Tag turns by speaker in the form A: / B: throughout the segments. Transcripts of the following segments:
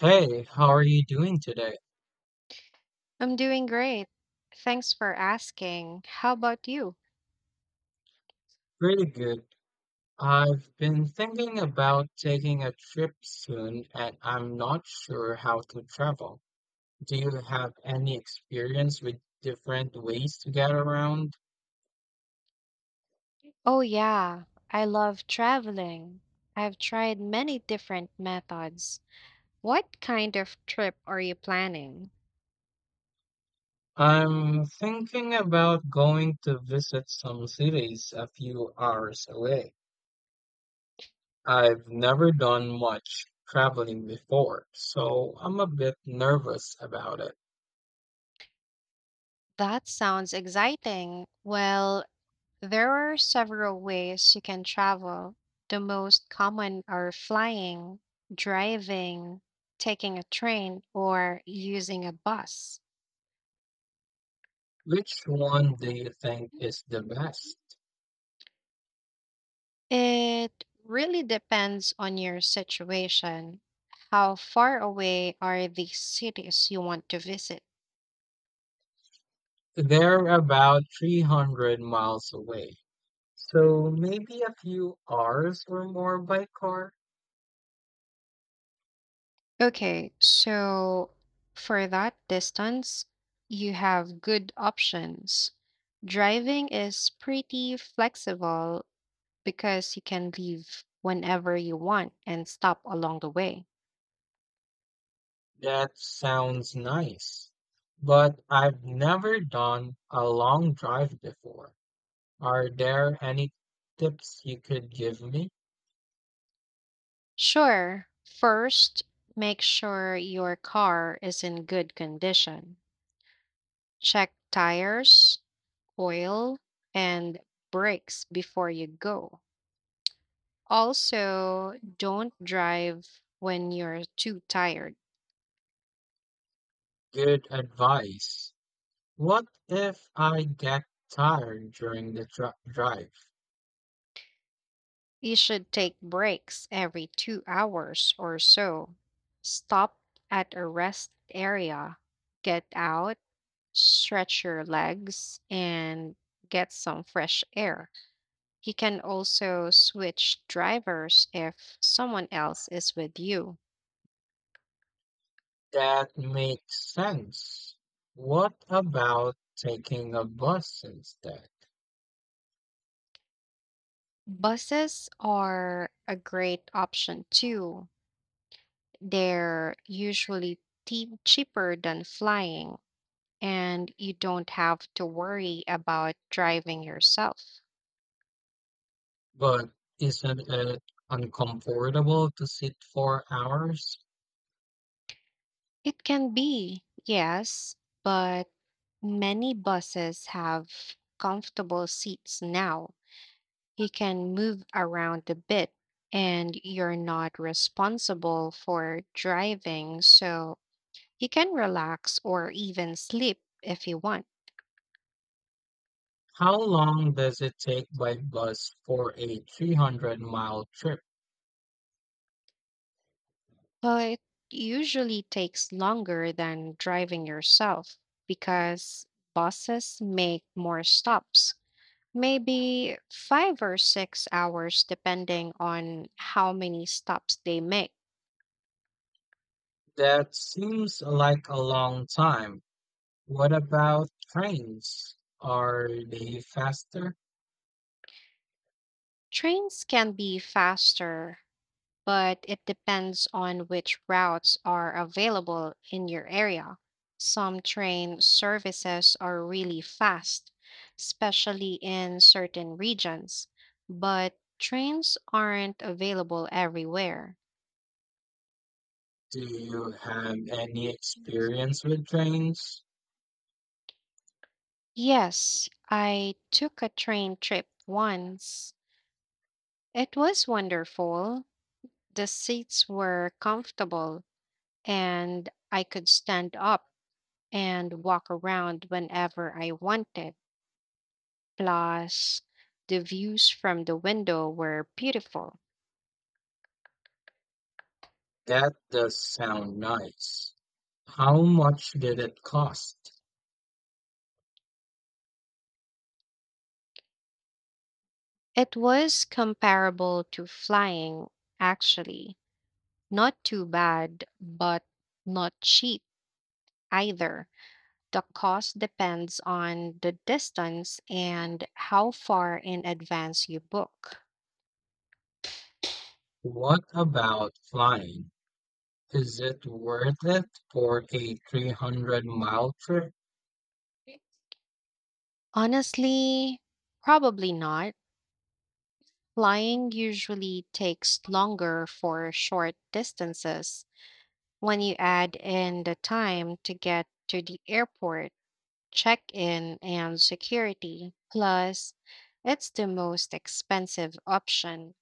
A: Hey, how are you doing today?
B: I'm doing great. Thanks for asking. How about you?
A: Pretty good. I've been thinking about taking a trip soon and I'm not sure how to travel. Do you have any experience with different ways to get around?
B: Oh, yeah, I love traveling. I've tried many different methods. What kind of trip are you planning?
A: I'm thinking about going to visit some cities a few hours away. I've never done much traveling before, so I'm a bit nervous about it.
B: That sounds exciting. Well, there are several ways you can travel. The most common are flying, driving, taking a train, or using a bus.
A: Which one do you think is the best?
B: It really depends on your situation. How far away are the cities you want to visit?
A: They're about 300 miles away, so maybe a few hours or more by car.
B: Okay, so for that distance, you have good options. Driving is pretty flexible because you can leave whenever you want and stop along the way.
A: That sounds nice, but I've never done a long drive before. Are there any tips you could give me?
B: Sure, first, make sure your car is in good condition. Check tires, oil, and brakes before you go. Also, don't drive when you're too tired.
A: Good advice. What if I get tired during the drive?
B: You should take breaks every 2 hours or so. Stop at a rest area, get out, stretch your legs, and get some fresh air. You can also switch drivers if someone else is with you.
A: That makes sense. What about taking a bus instead?
B: Buses are a great option too. They're usually cheaper than flying, and you don't have to worry about driving yourself.
A: But isn't it uncomfortable to sit for hours?
B: It can be, yes, but many buses have comfortable seats now. You can move around a bit and you're not responsible for driving, so you can relax or even sleep if you want.
A: How long does it take by bus for a 300-mile trip?
B: Well, it usually takes longer than driving yourself because buses make more stops, maybe 5 or 6 hours, depending on how many stops they make.
A: That seems like a long time. What about trains? Are they faster?
B: Trains can be faster, but it depends on which routes are available in your area. Some train services are really fast, especially in certain regions, but trains aren't available everywhere.
A: Do you have any experience with trains?
B: Yes, I took a train trip once. It was wonderful. The seats were comfortable, and I could stand up and walk around whenever I wanted. Plus, the views from the window were beautiful.
A: That does sound nice. How much did it cost?
B: It was comparable to flying, actually. Not too bad, but not cheap either. The cost depends on the distance and how far in advance you book.
A: What about flying? Is it worth it for a 300-mile trip?
B: Honestly, probably not. Flying usually takes longer for short distances, when you add in the time to get to the airport, check in, and security, plus it's the most expensive option.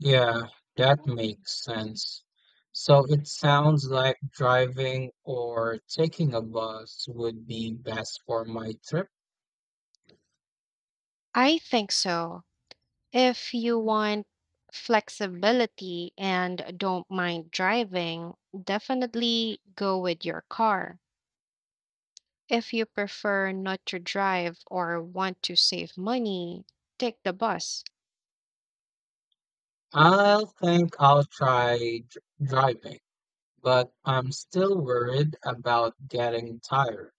A: Yeah, that makes sense. So it sounds like driving or taking a bus would be best for my trip.
B: I think so. If you want flexibility and don't mind driving, definitely go with your car. If you prefer not to drive or want to save money, take the bus.
A: I will think I'll try driving, but I'm still worried about getting tired.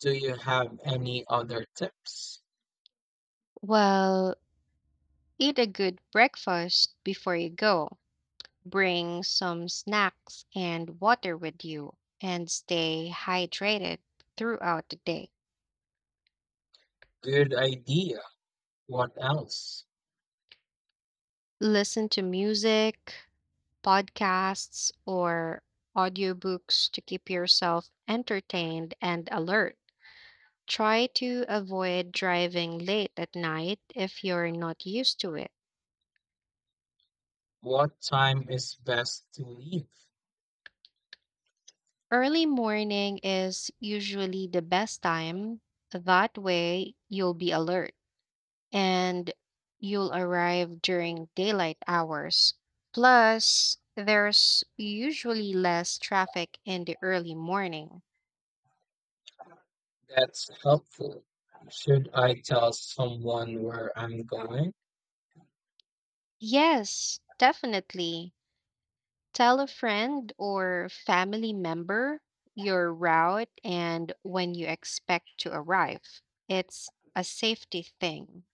A: Do you have any other tips?
B: Well, eat a good breakfast before you go. Bring some snacks and water with you, and stay hydrated throughout the day.
A: Good idea. What else?
B: Listen to music, podcasts, or audiobooks to keep yourself entertained and alert. Try to avoid driving late at night if you're not used to it.
A: What time is best to leave?
B: Early morning is usually the best time. That way, you'll be alert, and you'll arrive during daylight hours. Plus, there's usually less traffic in the early morning.
A: That's helpful. Should I tell someone where I'm going?
B: Yes, definitely. Tell a friend or family member your route and when you expect to arrive. It's a safety thing.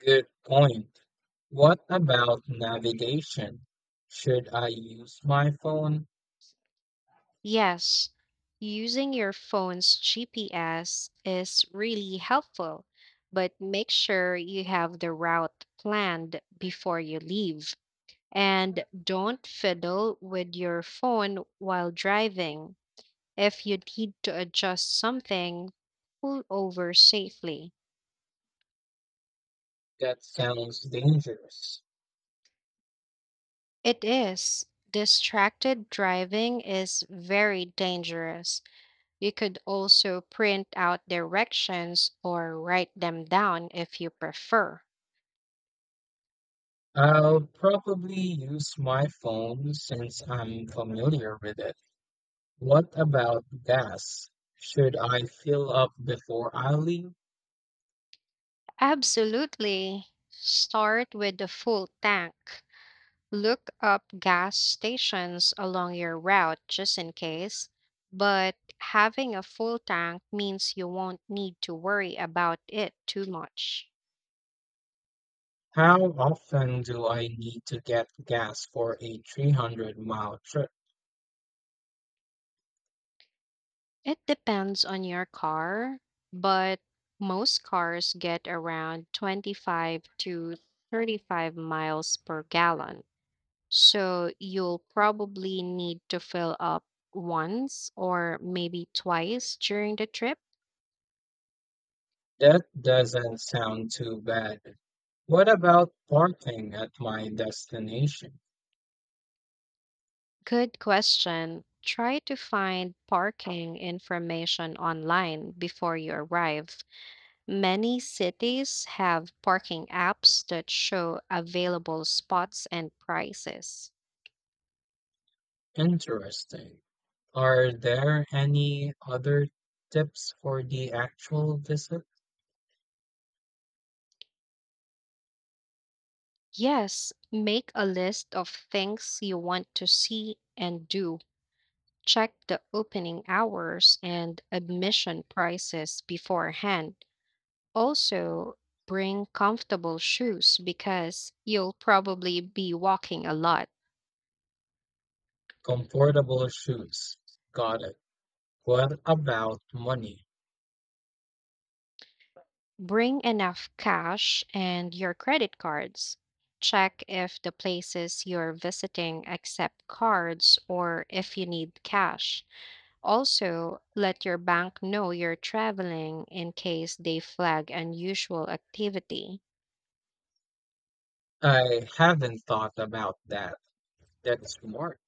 A: Good point. What about navigation? Should I use my phone?
B: Yes, using your phone's GPS is really helpful, but make sure you have the route planned before you leave. And don't fiddle with your phone while driving. If you need to adjust something, pull over safely.
A: That sounds dangerous.
B: It is. Distracted driving is very dangerous. You could also print out directions or write them down if you prefer.
A: I'll probably use my phone since I'm familiar with it. What about gas? Should I fill up before I leave?
B: Absolutely. Start with a full tank. Look up gas stations along your route just in case. But having a full tank means you won't need to worry about it too much.
A: How often do I need to get gas for a 300-mile trip?
B: It depends on your car, but most cars get around 25 to 35 miles per gallon. So you'll probably need to fill up once or maybe twice during the trip.
A: That doesn't sound too bad. What about parking at my destination?
B: Good question. Try to find parking information online before you arrive. Many cities have parking apps that show available spots and prices.
A: Interesting. Are there any other tips for the actual visit?
B: Yes, make a list of things you want to see and do. Check the opening hours and admission prices beforehand. Also, bring comfortable shoes because you'll probably be walking a lot.
A: Comfortable shoes. Got it. What about money?
B: Bring enough cash and your credit cards. Check if the places you're visiting accept cards or if you need cash. Also, let your bank know you're traveling in case they flag unusual activity.
A: I haven't thought about that. That's smart.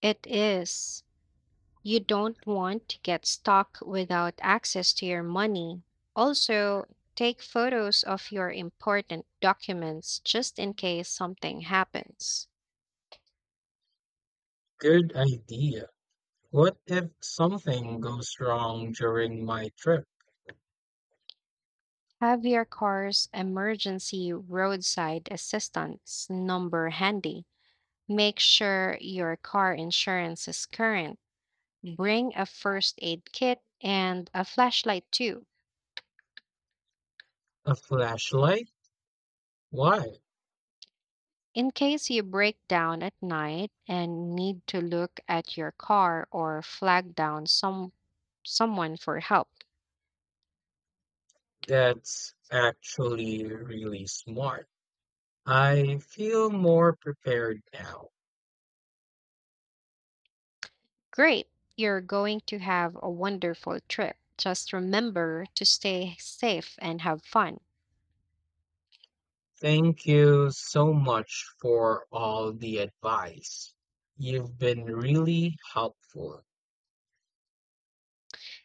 B: It is. You don't want to get stuck without access to your money. Also, take photos of your important documents just in case something happens.
A: Good idea. What if something goes wrong during my trip?
B: Have your car's emergency roadside assistance number handy. Make sure your car insurance is current. Bring a first aid kit and a flashlight too.
A: A flashlight? Why?
B: In case you break down at night and need to look at your car or flag down someone for help.
A: That's actually really smart. I feel more prepared now.
B: Great. You're going to have a wonderful trip. Just remember to stay safe and have fun.
A: Thank you so much for all the advice. You've been really helpful.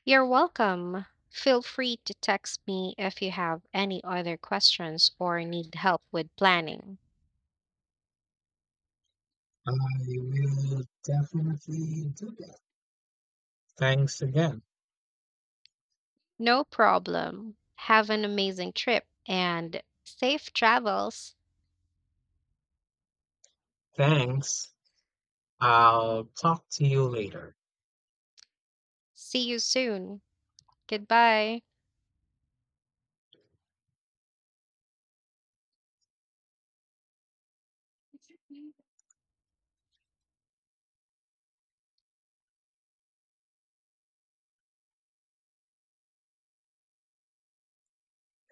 B: You're welcome. Feel free to text me if you have any other questions or need help with planning.
A: I will definitely do that. Thanks again.
B: No problem. Have an amazing trip and safe travels.
A: Thanks. I'll talk to you later.
B: See you soon. Goodbye.